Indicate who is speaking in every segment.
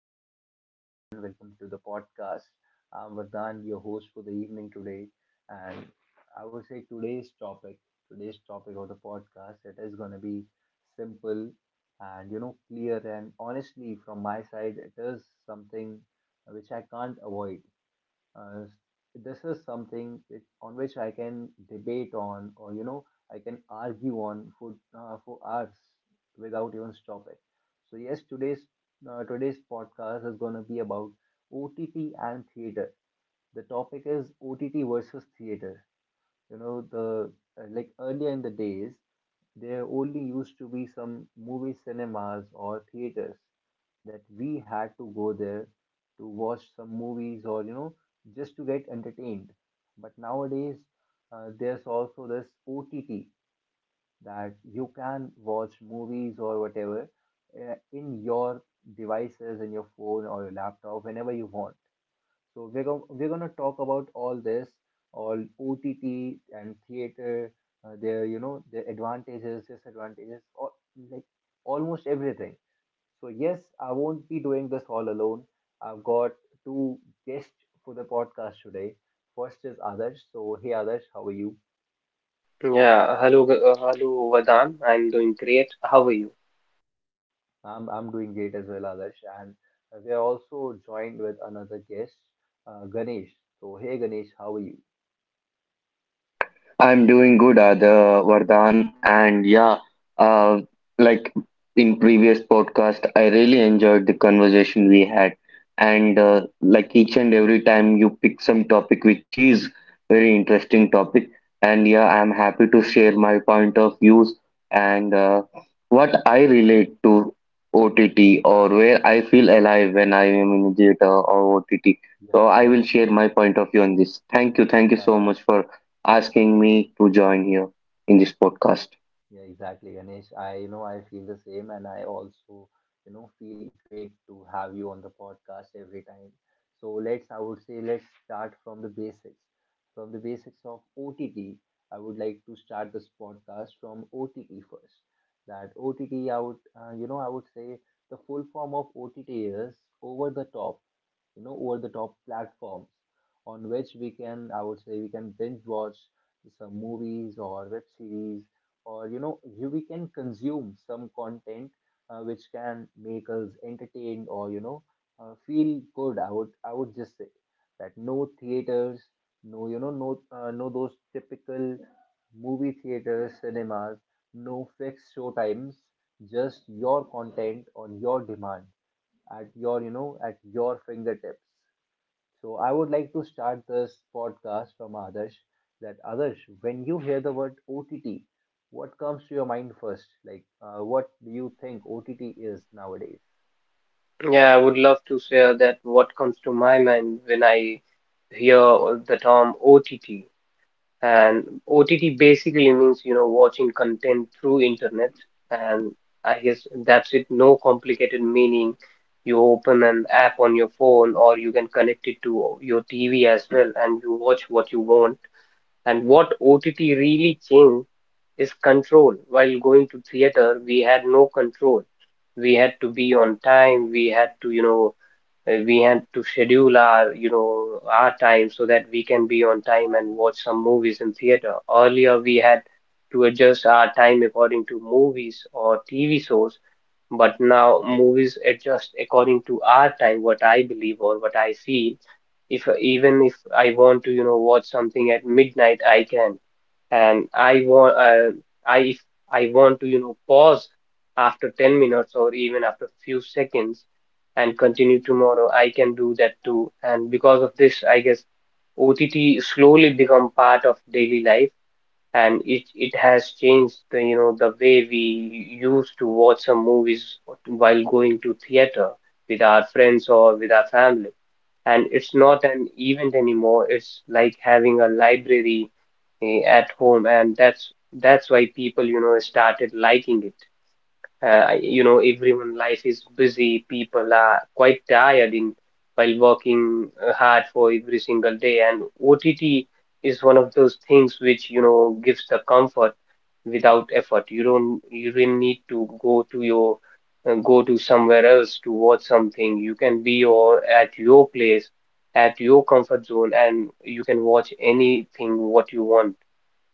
Speaker 1: welcome back, everyone. Welcome to the podcast. I'm Vardhan, your host for the evening today, and I would say today's topic of the podcast, it is going to be simple and clear. And honestly, from my side, it is something which I can't avoid. Uh, this is something which, on which I can debate on, or I can argue on for hours without even stopping. So yes, today's podcast is gonna be about OTT and theater. The topic is OTT versus theater. You know the uh, like earlier in the days, there only used to be some movie cinemas or theaters that we had to go there to watch some movies or just to get entertained. But nowadays, there's also this ott that you can watch movies or whatever, in your devices, in your phone or your laptop, whenever you want. So we're gonna talk about all this, all OTT and theater, their their advantages, disadvantages, or like almost everything. So yes, I won't be doing this all alone. I've got two guests for the podcast today. First is Adarsh. So hey Adarsh, how are you?
Speaker 2: Yeah, hello, hello, Vadan. I'm doing great. How are you?
Speaker 1: I'm doing great as well, Adarsh. And we are also joined with another guest, Ganesh. So hey Ganesh, how are you?
Speaker 3: I'm doing good, Ada Vardhan, and uh, like in previous podcast, I really enjoyed the conversation we had, and each and every time you pick some topic which is very interesting topic, and yeah, I'm happy to share my point of views and what I relate to OTT, or where I feel alive when I am in theater or OTT.
Speaker 1: Yeah,
Speaker 3: So I
Speaker 1: yeah,
Speaker 3: will share my point of view on this. Thank you
Speaker 1: yeah.
Speaker 3: so much for asking me to join here in this podcast.
Speaker 1: Yeah, exactly, Ganesh. I feel the same, and I also, feel great to have you on the podcast every time. So let's, I would say, let's start from the basics of OTT. I would like to start this podcast from OTT first. That OTT, I would say the full form of OTT is over the top, you know, over the top platforms on which we can, I would say, we can binge watch some movies or web series, or we can consume some content which can make us entertained, or feel good. I would just say that no theaters, no those typical movie theaters, cinemas, no fixed show times, just your content on your demand, at your at your fingertips. So I would like to start this podcast from Adarsh. That Adarsh, when you hear the word OTT, what comes to your mind first? Like, what do you think OTT is nowadays?
Speaker 2: Yeah, I would love to share that what comes to my mind when I hear the term OTT. And OTT basically means, you know, watching content through internet. And I guess that's it, no complicated meaning. You open an app on your phone or you can connect it to your TV as well and you watch what you want. And what OTT really changed is control. While going to theater, we had no control. We had to be on time. We had to, we had to schedule our, our time so that we can be on time and watch some movies in theater. Earlier, we had to adjust our time according to movies or TV shows, but now movies adjust according to our time, what I believe or what I feel. If even if I want to, watch something at midnight, I can. And I want I if I want to pause after 10 minutes or even after few seconds and continue tomorrow, I can do that too. And because of this, I guess OTT slowly become part of daily life, and it has changed the, the way we used to watch some movies while going to theater with our friends or with our family. And it's not an event anymore, it's like having a library, at home. And that's why people, started liking it.
Speaker 1: Yeah,
Speaker 2: You know, everyone life is busy, people are quite tired in while working hard for every single day. And OTT is one of those things which, you know, gives the comfort without effort. You don't, need to go to your go to somewhere else to watch something. You can be or at your place, at your comfort zone, and you can watch anything what you want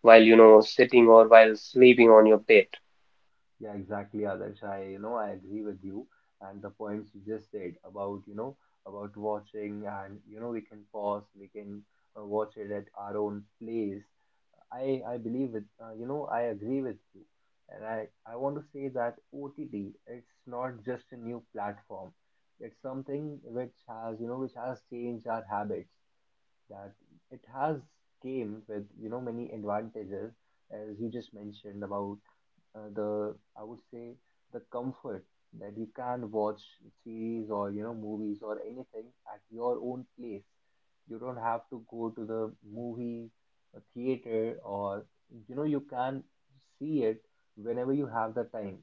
Speaker 2: while, sitting or while sleeping on your bed.
Speaker 1: yeah, exactly, Adarsh. I agree with you, and the points you just said about, about watching and, we can pause, we can watch it at our own place. I agree with you, and I want to say that OTT, it's not just a new platform. It's something which has which has changed our habits. That it has came with many advantages, as you just mentioned about the I would say the comfort, that you can watch series or movies or anything at your own place. You don't have to go to the movie a theater, or you can see it whenever you have the time.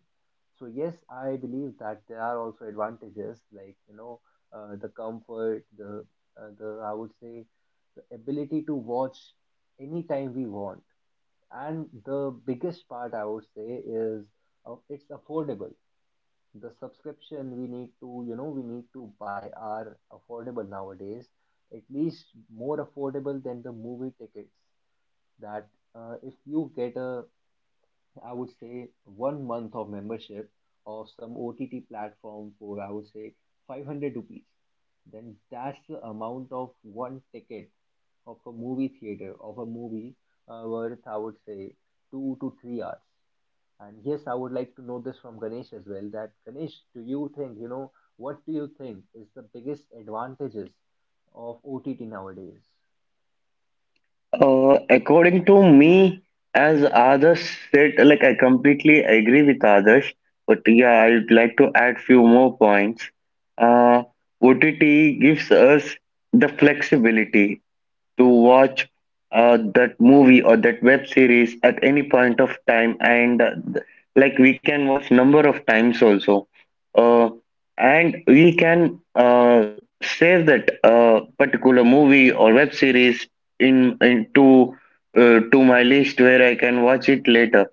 Speaker 1: So yes, I believe that there are also advantages, like the comfort, the I would say the ability to watch anytime we want. And the biggest part, I would say, is it's affordable. The subscription we need to, you know, we need to buy are affordable nowadays, at least more affordable than the movie tickets. That if you get a, I would say, 1 month of membership of some OTT platform for, I would say, 500 rupees, then that's the amount of one ticket of a movie worth, I would say, 2 to 3 hours. And yes, I would like to know this from Ganesh as well. That Ganesh, do you think, what do you think is the biggest advantages of OTT nowadays?
Speaker 3: According to me, as Adarsh said, like I completely agree with Adarsh, but yeah, I'd like to add few more points. Uh, OTT gives us the flexibility to watch that movie or that web series at any point of time, and like we can watch number of times also, uh, and we can save that particular movie or web series in into to my list where I can watch it later.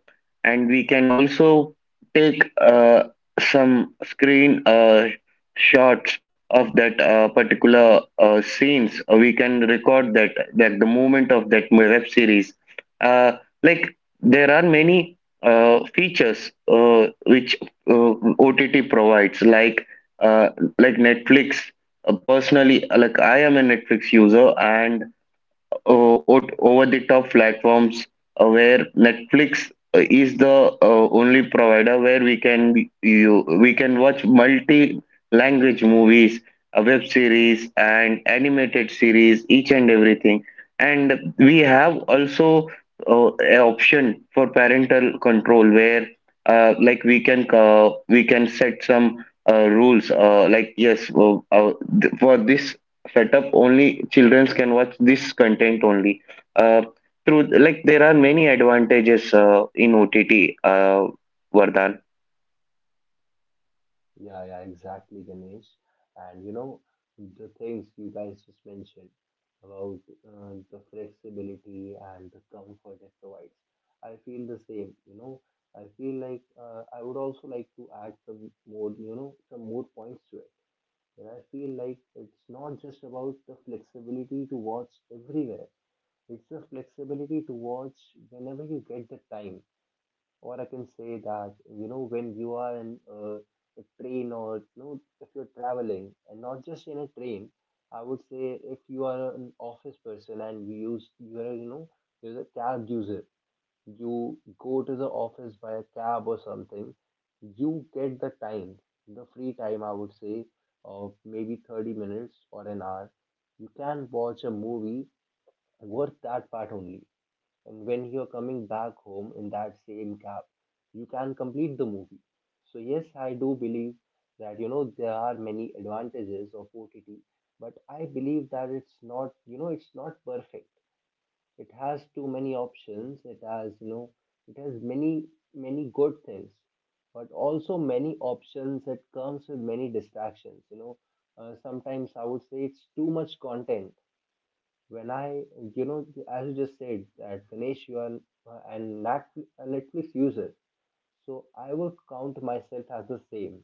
Speaker 3: And we can also take some screen shots of that particular scenes. We can record that the movement of that web series. Uh, like there are many features which OTT provides, uh, like Netflix. Personally, like, I am a Netflix user, and over the top platforms, where Netflix is the only provider where we can be- you we can watch multi language movies, web series, and animated series, each and everything. And we have also a option for parental control, where we can set some rules, like, for this setup only children can watch this content only. Uh, through like there are many advantages in OTT, uh, Vardhan.
Speaker 1: Yeah, yeah, exactly, Ganesh. And the things you guys just mentioned about the flexibility and the comfort it provides, I feel the same. You know, I feel like I would also like to add some more, some more points to it. And I feel like it's not just about the flexibility to watch everywhere, it's the flexibility to watch whenever you get the time. Or I can say that, you know, when you are in a train, or, you know, if you're traveling and not just in a train, I would say if you are an office person and you're a cab user, you go to the office by a cab or something, you get the time, the free time, I would say, of maybe 30 minutes or an hour. You can watch a movie worth that part only. And when you're coming back home in that same cab, you can complete the movie. So, yes, I do believe that there are many advantages of OTT, but I believe that it's not, it's not perfect. It has too many options. It has, it has many, many good things, but also many options. It comes with many distractions. You know, sometimes I would say it's too much content. When I, you know, as you just said that Ganesh, you are uh, and Nat- a Netflix user, so I would count myself as the same.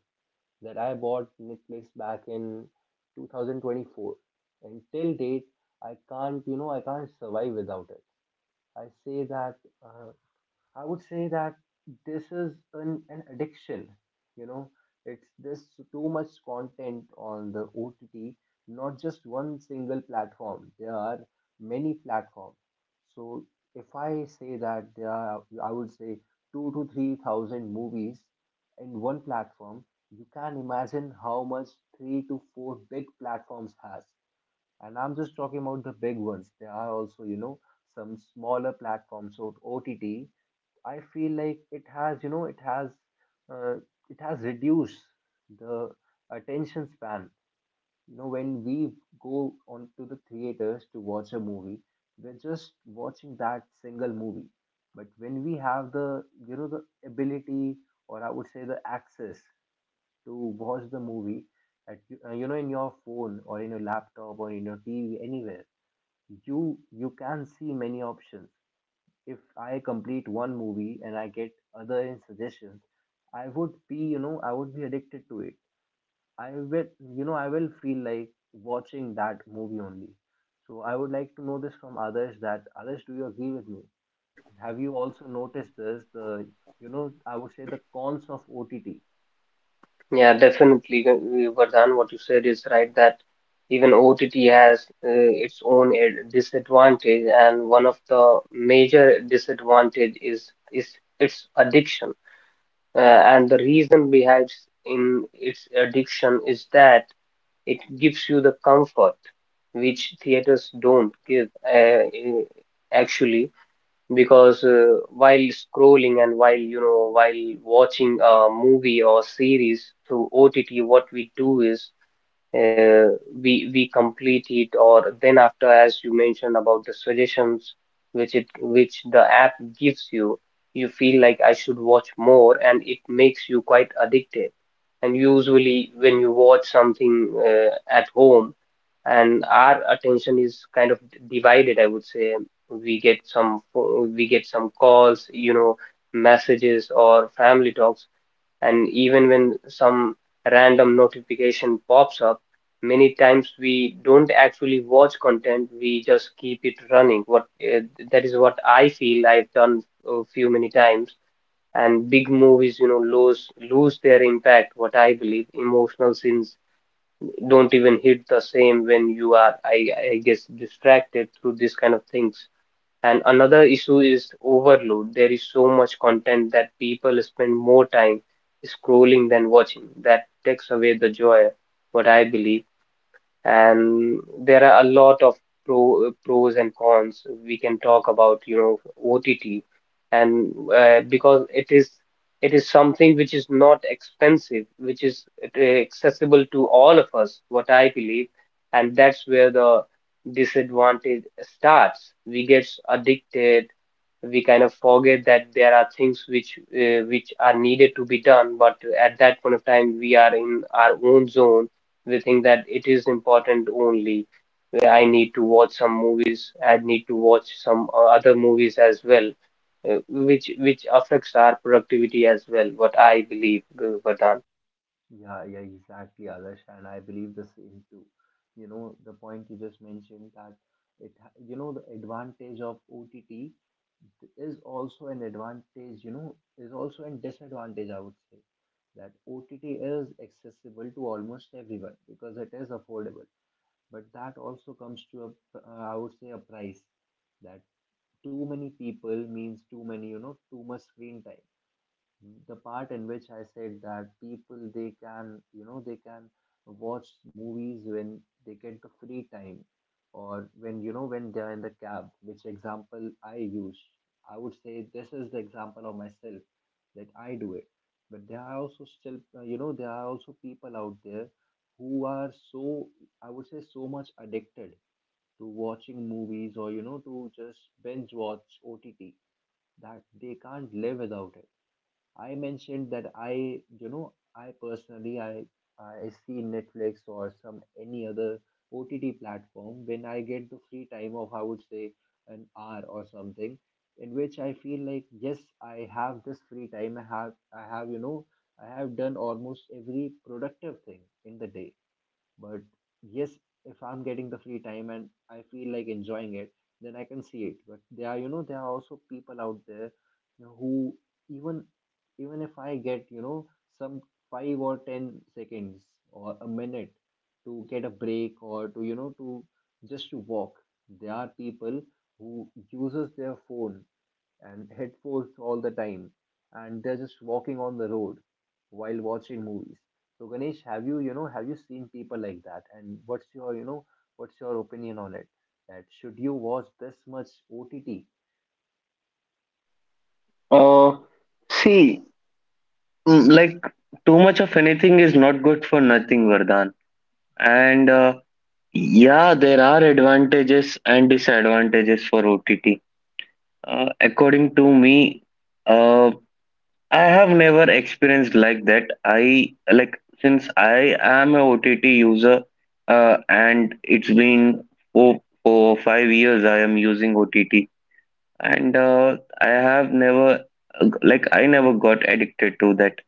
Speaker 1: That I bought Netflix back in 2024, and till date, I can't survive without it. I say that uh, I would say that this is an addiction. You know, it's this too much content on the OTT, not just one single platform. There are many platforms. So if I say that there are, I would say, 2 to 3,000 movies in one platform, you can imagine how much 3 to 4 big platforms has. And I'm just talking about the big ones. There are also, some smaller platforms. So OTT, I feel like it has, uh, it has reduced the attention span. You know, when we go on to the theaters to watch a movie, we're just watching that single movie. But when we have the, the ability, or I would say the access to watch the movie at in your phone, or in your laptop, or in your TV, anywhere. You can see many options. If I complete one movie and I get other in suggestions, I would be, I would be addicted to it. I will, I will feel like watching that movie only. So I would like to know this from others, that others, do you agree with me? Have you also noticed this, the, I would say, the cons of OTT?
Speaker 2: Yeah, definitely, Vardhan, what you said is right, that even OTT has its own disadvantage, and one of the major disadvantage is its addiction. Uh, and the reason behind in its addiction is that it gives you the comfort which theaters don't give. Actually, because while scrolling and while, while watching a movie or series through OTT, what we do is, uh, we complete it, or then after, as you mentioned about the suggestions which it, which the app gives you, you feel like I should watch more and it makes you quite addicted. And usually when you watch something at home, and our attention is kind of divided, I would say. We get some calls, you know, messages or family talks, and even when some random notification pops up, many times we don't actually watch content, we just keep it running. What uh, that is what I feel I've done a few many times, and big movies, you know, lose their impact, what I believe. Emotional scenes don't even hit the same when you are, I guess, distracted through this kind of things. And another issue is overload. There is so much content that people spend more time scrolling than watching. That takes away the joy, what I believe. And there are a lot of pros and cons we can talk about, you know, OTT. And because it is something which is not expensive, which is accessible to all of us, what I believe. And that's where the disadvantage starts. We get addicted, we kind of forget that there are things which, which are needed to be done, but at that point of time we are in our own zone. We think that it is important only. I need to watch some movies, I need to watch some other movies as well, which affects our productivity as well, what I believe, Vardhan.
Speaker 1: Yeah, yeah, exactly, Adarsh, and I believe the same too. You know, the point you just mentioned that it, ha- you know, the advantage of OTT is also an advantage, is also a disadvantage, I would say, that OTT is accessible to almost everyone because it is affordable, but that also comes to a, I would say, a price. That too many people means too many, too much screen time. The part in which I said that people, they can watch movies when they get the free time, or when, when they are in the cab, which example I use, I would say this is the example of myself, that I do it. But there are also still, there are also people out there who are so, I would say, so much addicted to watching movies, or to just binge watch OTT, that they can't live without it. I mentioned that I, you know, I personally I see Netflix, or some any other OTT platform, when I get the free time of, I would say, an hour or something, in which I feel like yes, I have this free time, I have done almost every productive thing in the day. But yes, if I'm getting the free time and I feel like enjoying it, then I can see it. But there are, there are also people out there, who even even if I get, some 5 or 10 seconds, or a minute, to get a break, or to, to just to walk, there are people who uses their phone and headphones all the time, and they're just walking on the road while watching movies. So Ganesh, have you, have you seen people like that? And what's your, what's your opinion on it? That Should you watch this much OTT?
Speaker 3: Uh, See, mm, like too much of anything is not good for nothing, Vardhan. And yeah, there are advantages and disadvantages for OTT. According to me, uh, I have never experienced like that. I like Since I am a OTT user, and it's been 5 years I am using OTT, and I have never I never got addicted to that.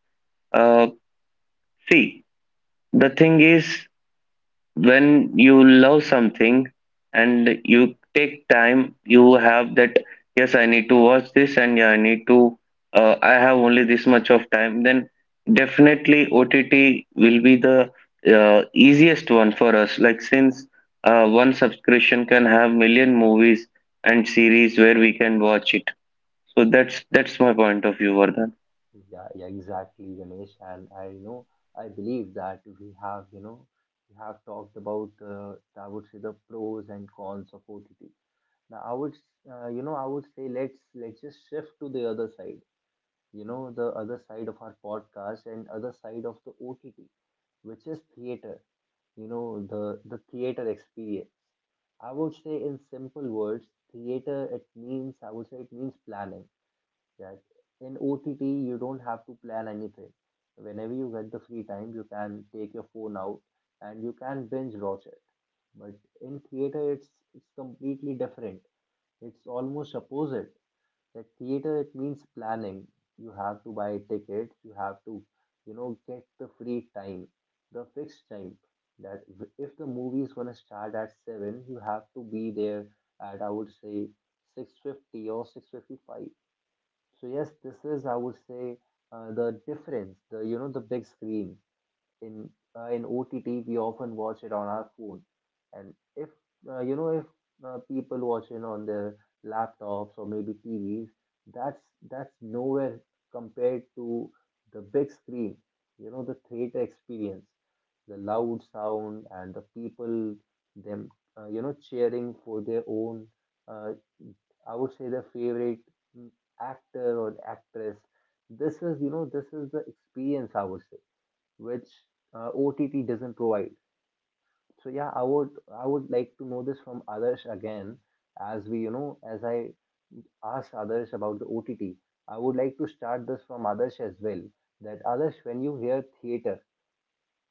Speaker 3: Uh, See, the thing is, when you love something and you take time, you have that, yes, I need to watch this, and yeah, I need to, I have only this much of time, then definitely OTT will be the easiest one for us, like, since one subscription can have million movies and series where we can watch it. So that's my point of view, Vardhan.
Speaker 1: Yeah, yeah, exactly, Ganesh. And I believe that we have, we have talked about, I would say the pros and cons of OTT. Now, you know, I would say let's just shift to the other side. You know, the other side of our podcast and other side of the OTT, which is theater, you know, the theater experience. I would say in simple words, theater, it means, I would say it means planning. That in OTT, you don't have to plan anything. Whenever you get the free time, you can take your phone out and you can binge watch it. But in theater, it's completely different. It's almost opposite. The theater, it means planning. You have to buy tickets, you have to, you know, get the free time, the fixed time. If the movie is gonna start at 7, you have to be there at I would say 6:50 or 6:55. So yes, this is I would say the difference, the you know the big screen in in OTT we often watch it on our phone. And if you know if people watching on their laptops or maybe T V's, that's that's nowhere compared to the big screen, you know, the theater experience, the loud sound, and the people them, you know, cheering for their own, uh, I would say their favorite, mm, actor or actress. This is you know this is the experience I would say which OTT doesn't provide. So yeah, I would like to know this from others again, as we you know as I ask others about the OTT. I would like to start this from others as well. That others, when you hear theater,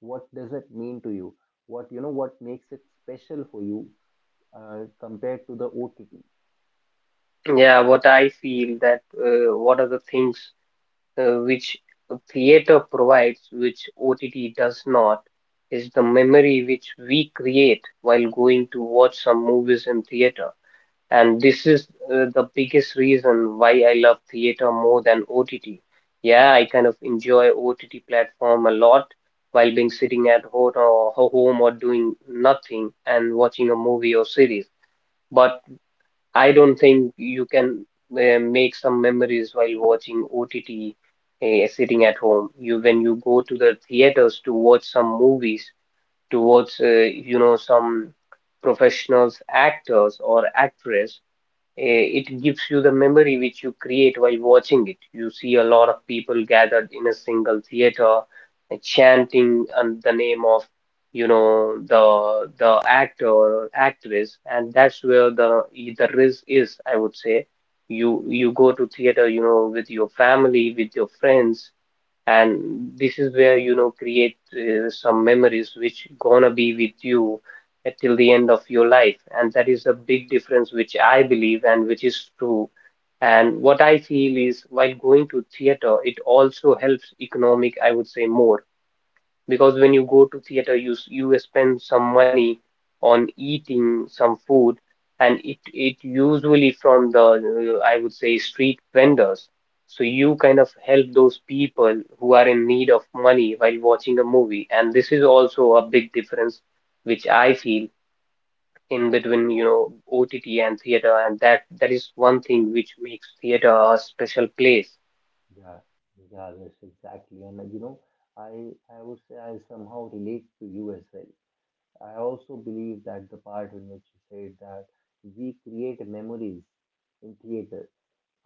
Speaker 1: what does it mean to you? What you know, what makes it special for you compared to the OTT?
Speaker 2: Yeah, what I feel, that what are the things which a theater provides, which OTT does not, is the memory which we create while going to watch some movies in theater. And this is the biggest reason why I love theater more than OTT. Yeah, I kind of enjoy OTT platform a lot while being sitting at home or home or doing nothing and watching a movie or series. But I don't think you can make some memories while watching OTT, sitting at home. You When you go to the theaters to watch some movies, to watch you know, some professionals, actors or actress, it gives you the memory which you create while watching it. You see a lot of people gathered in a single theater, chanting and the name of, you know, the actor or actress, and that's where the risk is, I would say. You go to theater, you know, with your family, with your friends, and this is where, you know, create some memories which gonna be with you till the end of your life, and that is a big difference which I believe and which is true. And what I feel is while going to theater it also helps economic, I would say, more, because when you go to theater, you spend some money on eating some food, and it usually from the I would say street vendors, so you kind of help those people who are in need of money while watching a movie. And this is also a big difference which I feel in between, you know, OTT and theater, and that is one thing which makes theater a special place.
Speaker 1: Yeah, yeah, that's exactly. And you know, I would say I somehow relate to you as well. I also believe that the part in which you said that we create memories in theater,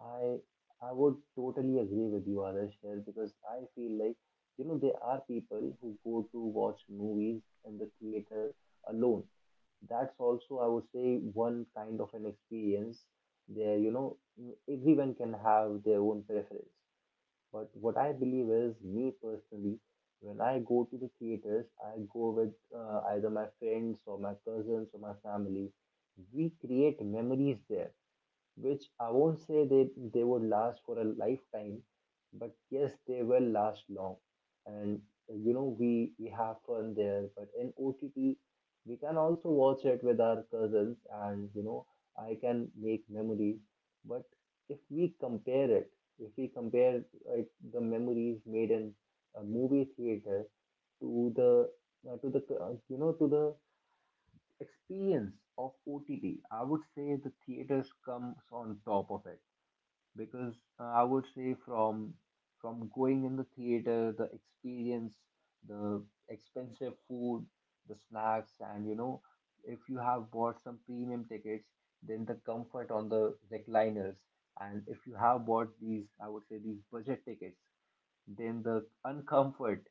Speaker 1: I I would totally agree with you, Adarsh, here because I feel like you know there are people who go to watch movies in the theater alone. That's also I would say one kind of an experience there. You know, everyone can have their own preference, but what I believe is, me personally, when I go to the theaters, I go with either my friends or my cousins or my family. We create memories there which I won't say they would last for a lifetime, but yes, they will last long. And you know, we have fun there, but in OTT, we can also watch it with our cousins, and you know, I can make memories. But if we compare it, if we compare like the memories made in a movie theater to the you know to the experience of OTT, I would say the theaters comes on top of it because I would say from going in the theater, the experience, the expensive food, the snacks, and you know, if you have bought some premium tickets, then the comfort on the recliners. And if you have bought these, I would say these budget tickets, then the uncomfort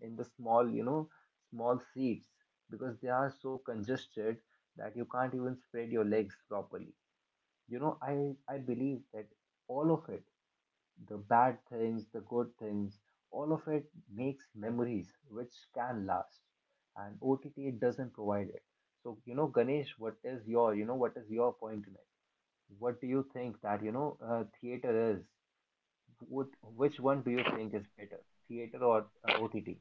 Speaker 1: in the small, you know, small seats because they are so congested that you can't even spread your legs properly. You know, I believe that all of it, the bad things, the good things, all of it makes memories which can last. And OTT doesn't provide it. So, you know, Ganesh, what is your, you know, what is your point in it? What do you think that, you know, theater is? Which one do you think is better, theater or OTT?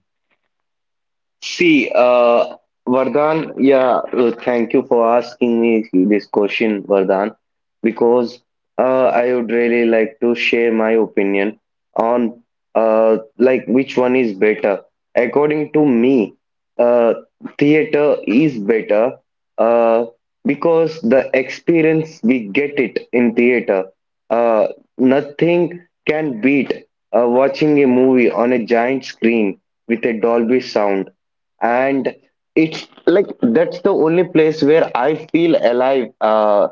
Speaker 3: See, Vardhan, thank you for asking me this question, Vardhan, because I would really like to share my opinion on like which one is better. According to me, uh, theater is better, uh, because the experience we get it in theater, uh, nothing can beat watching a movie on a giant screen with a Dolby sound, and it's like that's the only place where I feel alive.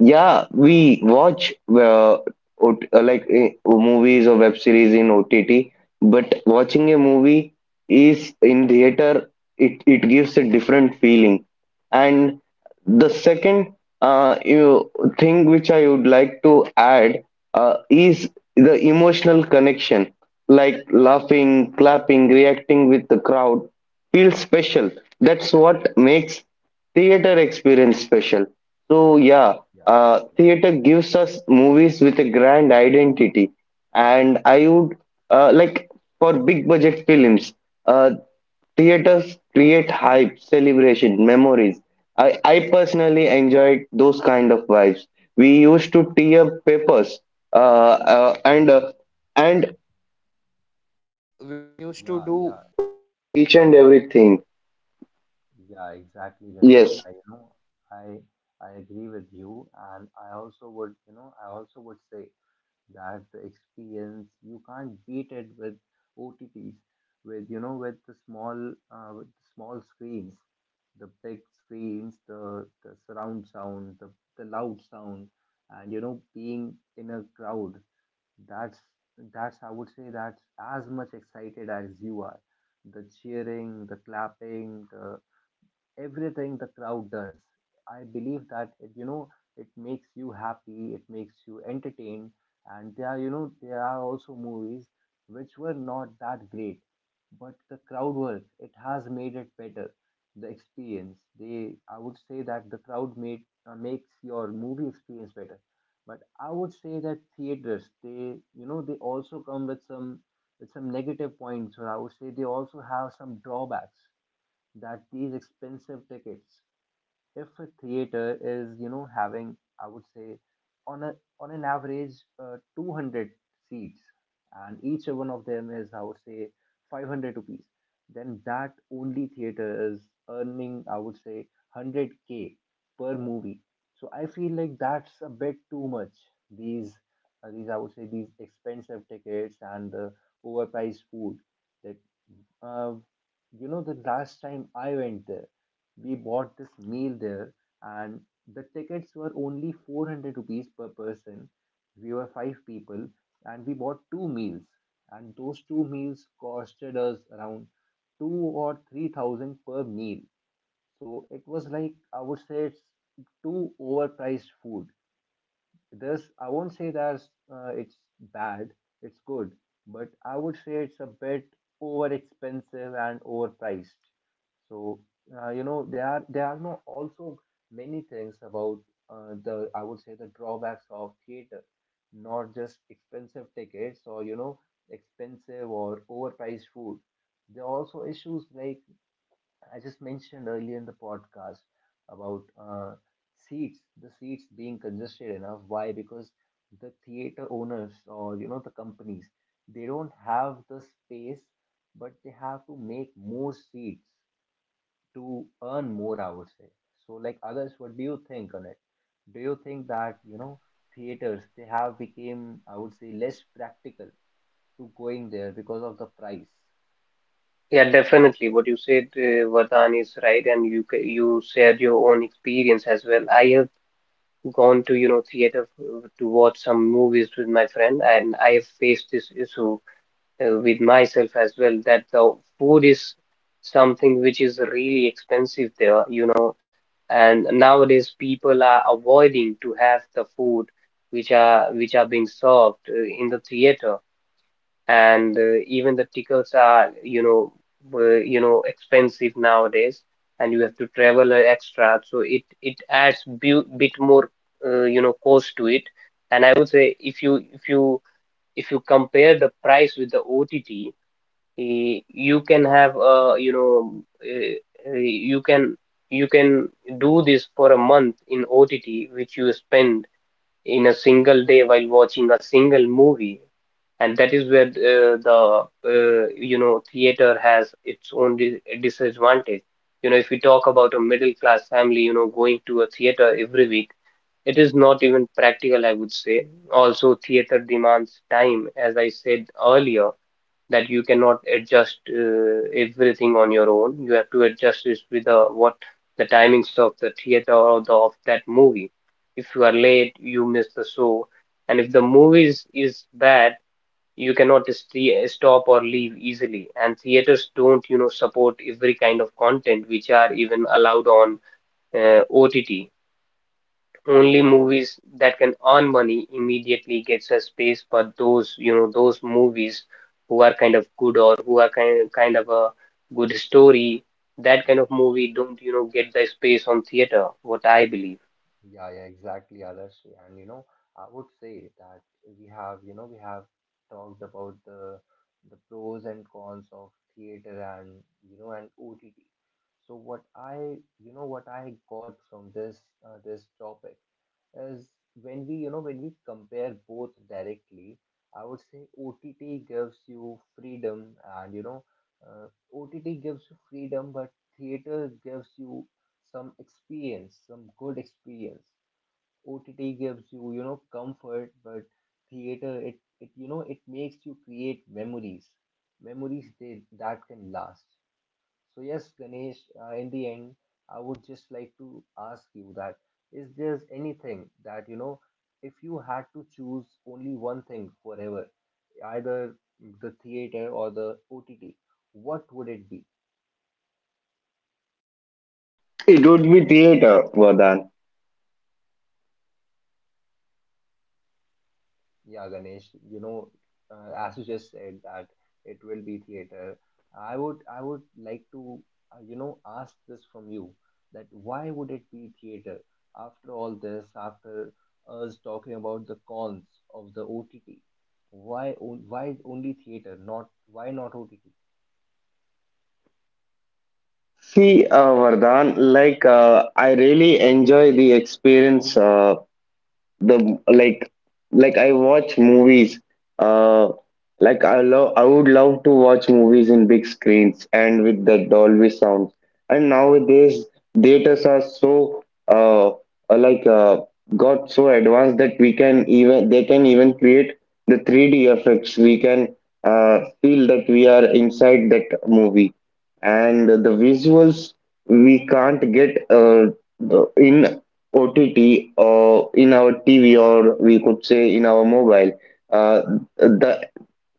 Speaker 3: Yeah, we watch movies or web series in OTT, but watching a movie is in theater, it gives a different feeling. And the second you thing which I would like to add is the emotional connection, like laughing, clapping, reacting with the crowd feels special. That's what makes theater experience special. So yeah,
Speaker 1: Yeah, yeah,
Speaker 3: theater gives us movies with a grand identity, and I would, uh, like for big budget films, uh, theaters create hype, celebration, memories. I personally enjoyed those kind of vibes. We used to tear up papers uh, uh, and uh, and
Speaker 1: yeah, yeah,
Speaker 3: each and
Speaker 1: yeah,
Speaker 3: everything.
Speaker 1: yeah, exactly,
Speaker 3: Yes,
Speaker 1: Ganesh. You know, I, I agree with you, and I also would, you know, I also would say that the experience you can't beat it with O T T's, with you know, with the small screens, the big screens, the surround sound, the loud sound, and you know, being in a crowd. That's that's I would say that's as much excited as you are. The cheering, the clapping, the everything the crowd does. I believe that it, you know it makes you happy, it makes you entertained, and there are you know there are also movies which were not that great, but the crowd work it has made it better. The experience they I would say that the crowd made makes your movie experience better. But I would say that theaters they you know they also come with some negative points, or I would say they also have some drawbacks. That these expensive tickets, if a theater is you know having I would say on a on an average 200 seats and each one of them is I would say 500 rupees, then that only theater is earning I would say 100K per movie. So I feel like that's a bit too much. These these I would say these expensive tickets and overpriced food. That uh, you know, the last time I went there, we bought this meal there, and the tickets were only 400 rupees per person. We were 5 people, and we bought two meals, and those two meals costed us around two or three thousand per meal. So it was like I would say it's too overpriced food. This I won't say that it's bad. It's good, but I would say it's a bit over expensive and overpriced. So you know there are no also many things about the I would say the drawbacks of theater, not just expensive tickets or you know expensive or overpriced food. There are also issues like I just mentioned earlier in the podcast about seats, the seats being congested enough. Why? Because the theater owners or you know the companies, they don't have the space, but they have to make more seats to earn more. I would say. So, like others, what do you think on it? Do you think that you know theaters they have became I would say less practical to going there because of the price?
Speaker 2: Yeah, definitely. What you said, Vardhan, is right, and you shared your own experience as well. I have gone to, you know, theater to watch some movies with my friend, and I have faced this issue with myself as well, that the food is something which is really expensive there, you know, and nowadays people are avoiding to have the food which are, which are being served in the theater. And even the tickets are, you know, expensive nowadays, and you have to travel extra, so it adds bit more you know, cost to it. And I would say if you if you if you compare the price with the OTT, you can have eh, you can you can do this for a month in OTT which you spend in a single day while watching a single movie. And that is where the you know, theater has its own di disadvantage. You know, if we talk about a middle class family, you know, going to a theater every week, it is not even practical, I would say. Also theater demands time, as I said earlier, that you cannot adjust everything on your own. You have to adjust it with the what the timings of the theater or the of that movie. If you are late, you miss the show, and if the is bad, you cannot st stop or leave easily. And theaters don't, you know, support every kind of content which are even allowed on OTT. Only movies that can earn money immediately gets a space, for those, you know, those movies who are kind of good or who are kind of a good story. That kind of movie don't, you know, get the space on theater, what I believe.
Speaker 1: Yeah, yeah, exactly, Adarshi. And you know, I would say that we have, you know, we have talked about the pros and cons of theater and you know and OTT. So what I, you know, what I got from this this topic is when we, you know, when we compare both directly, I would say OTT gives you freedom and uh, OTT gives you freedom, but theater gives you some experience, some good experience. OTT gives you, you know, comfort, but theater, you know, it makes you create memories, that can last. So yes, Ganesh, in the end, I would just like to ask you that is there anything that, you know, if you had to choose only one thing forever, either the theater or the OTT, what would it be?
Speaker 3: it would be theater, Vardhan.
Speaker 1: Yeah, Ganesh, you know, as you just said that it will be theater. I would like to you know ask this from you that why would it be theater after all this, after us talking about the cons of the OTT? Why only theater? Not why not OTT?
Speaker 3: See, Vardhan, I really enjoy the experience, the like I watch movies. Uh, like, I would love to watch movies in big screens and with the Dolby sounds. And nowadays theaters are so uh uh, like uh got so advanced that we can even they can even create the 3D effects. We can feel that we are inside that movie, and the visuals we can't get in OTT or in our TV, or we could say in our mobile. Uh, the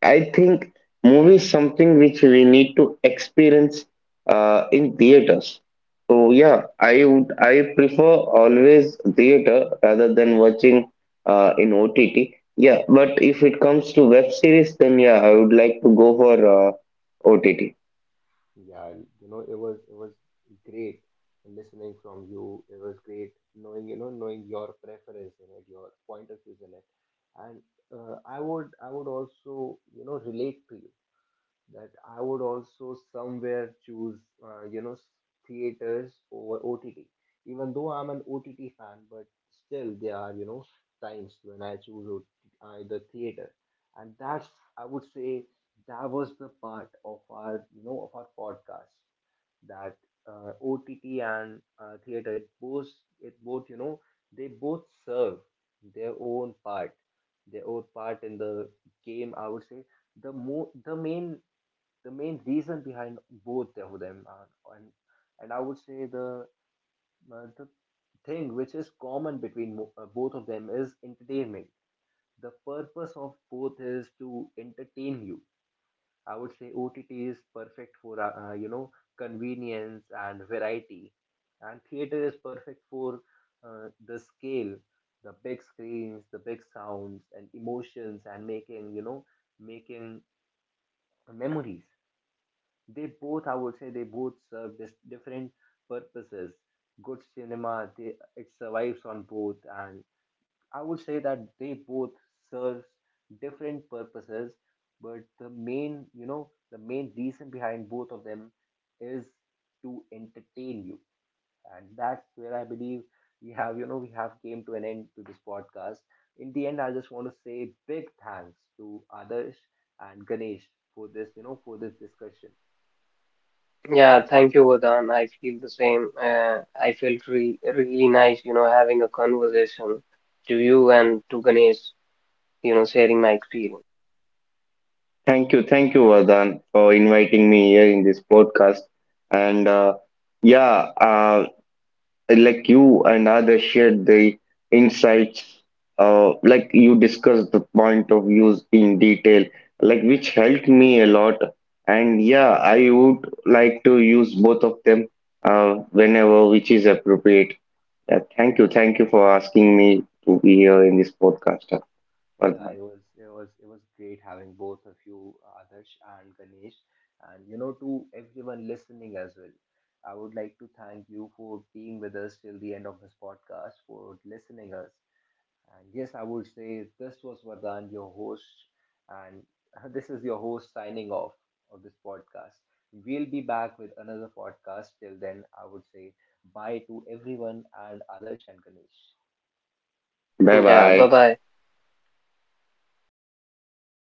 Speaker 3: I think movie is something which we need to experience in theaters. So yeah, I prefer always theater rather than watching in OTT. Yeah, but if it comes to web series, then yeah, I would like to go for OTT.
Speaker 1: Yeah, you know, it was great listening from you. It was great knowing, you know, knowing your preference in it, your point of views in it. And I would also, you know, relate to you that I would also somewhere choose, you know, theaters over OTT. Even though I'm an OTT fan, but still there are, you know, times when I choose OTT, the theater, and that's I would say that was the part of our, you know, of our podcast that OTT and theater it both you know they both serve their own part, their own part in the game. I would say the main, the main reason behind both of them are, and and I would say the uh, the thing which is common between both of them is entertainment. The purpose of both is to entertain you. I would say OTT is perfect for you know convenience and variety, and theater is perfect for the scale, the big screens, the big sounds, and emotions, and making you know making memories. They both, I would say, they both serve different purposes. Good cinema, it survives on both, and I would say that they both serve different purposes. But the main, you know, the main reason behind both of them is to entertain you, and that's where I believe we have, you know, we have came to an end to this podcast. In the end, I just want to say big thanks to Adarsh and Ganesh for this, you know, for this discussion.
Speaker 2: Yeah, thank you, Vadan. I feel the same. I felt re really nice, you know, having a conversation to you and to Ganesh, you know, sharing my experience.
Speaker 3: Thank you, Vardhan, for inviting me here in this podcast. And yeah, uh, you and others shared the insights, you discussed the point of views in detail, like which helped me a lot. And yeah, I would like to use both of them whenever which is appropriate. Yeah, thank you for asking me to be here in this podcast,
Speaker 1: Yeah,
Speaker 3: Vardhan.
Speaker 1: it was great having both of you, Adarsh and Ganesh, and you know to everyone listening as well. I would like to thank you for being with us till the end of this podcast, for listening us. And yes, I would say this was Vardhan, your host, and this is your host signing off of this podcast. We'll be back with another podcast. Till then, I would say bye to everyone and Adarsh and Ganesh.
Speaker 3: Bye
Speaker 2: Yeah, bye
Speaker 3: bye.
Speaker 2: bye.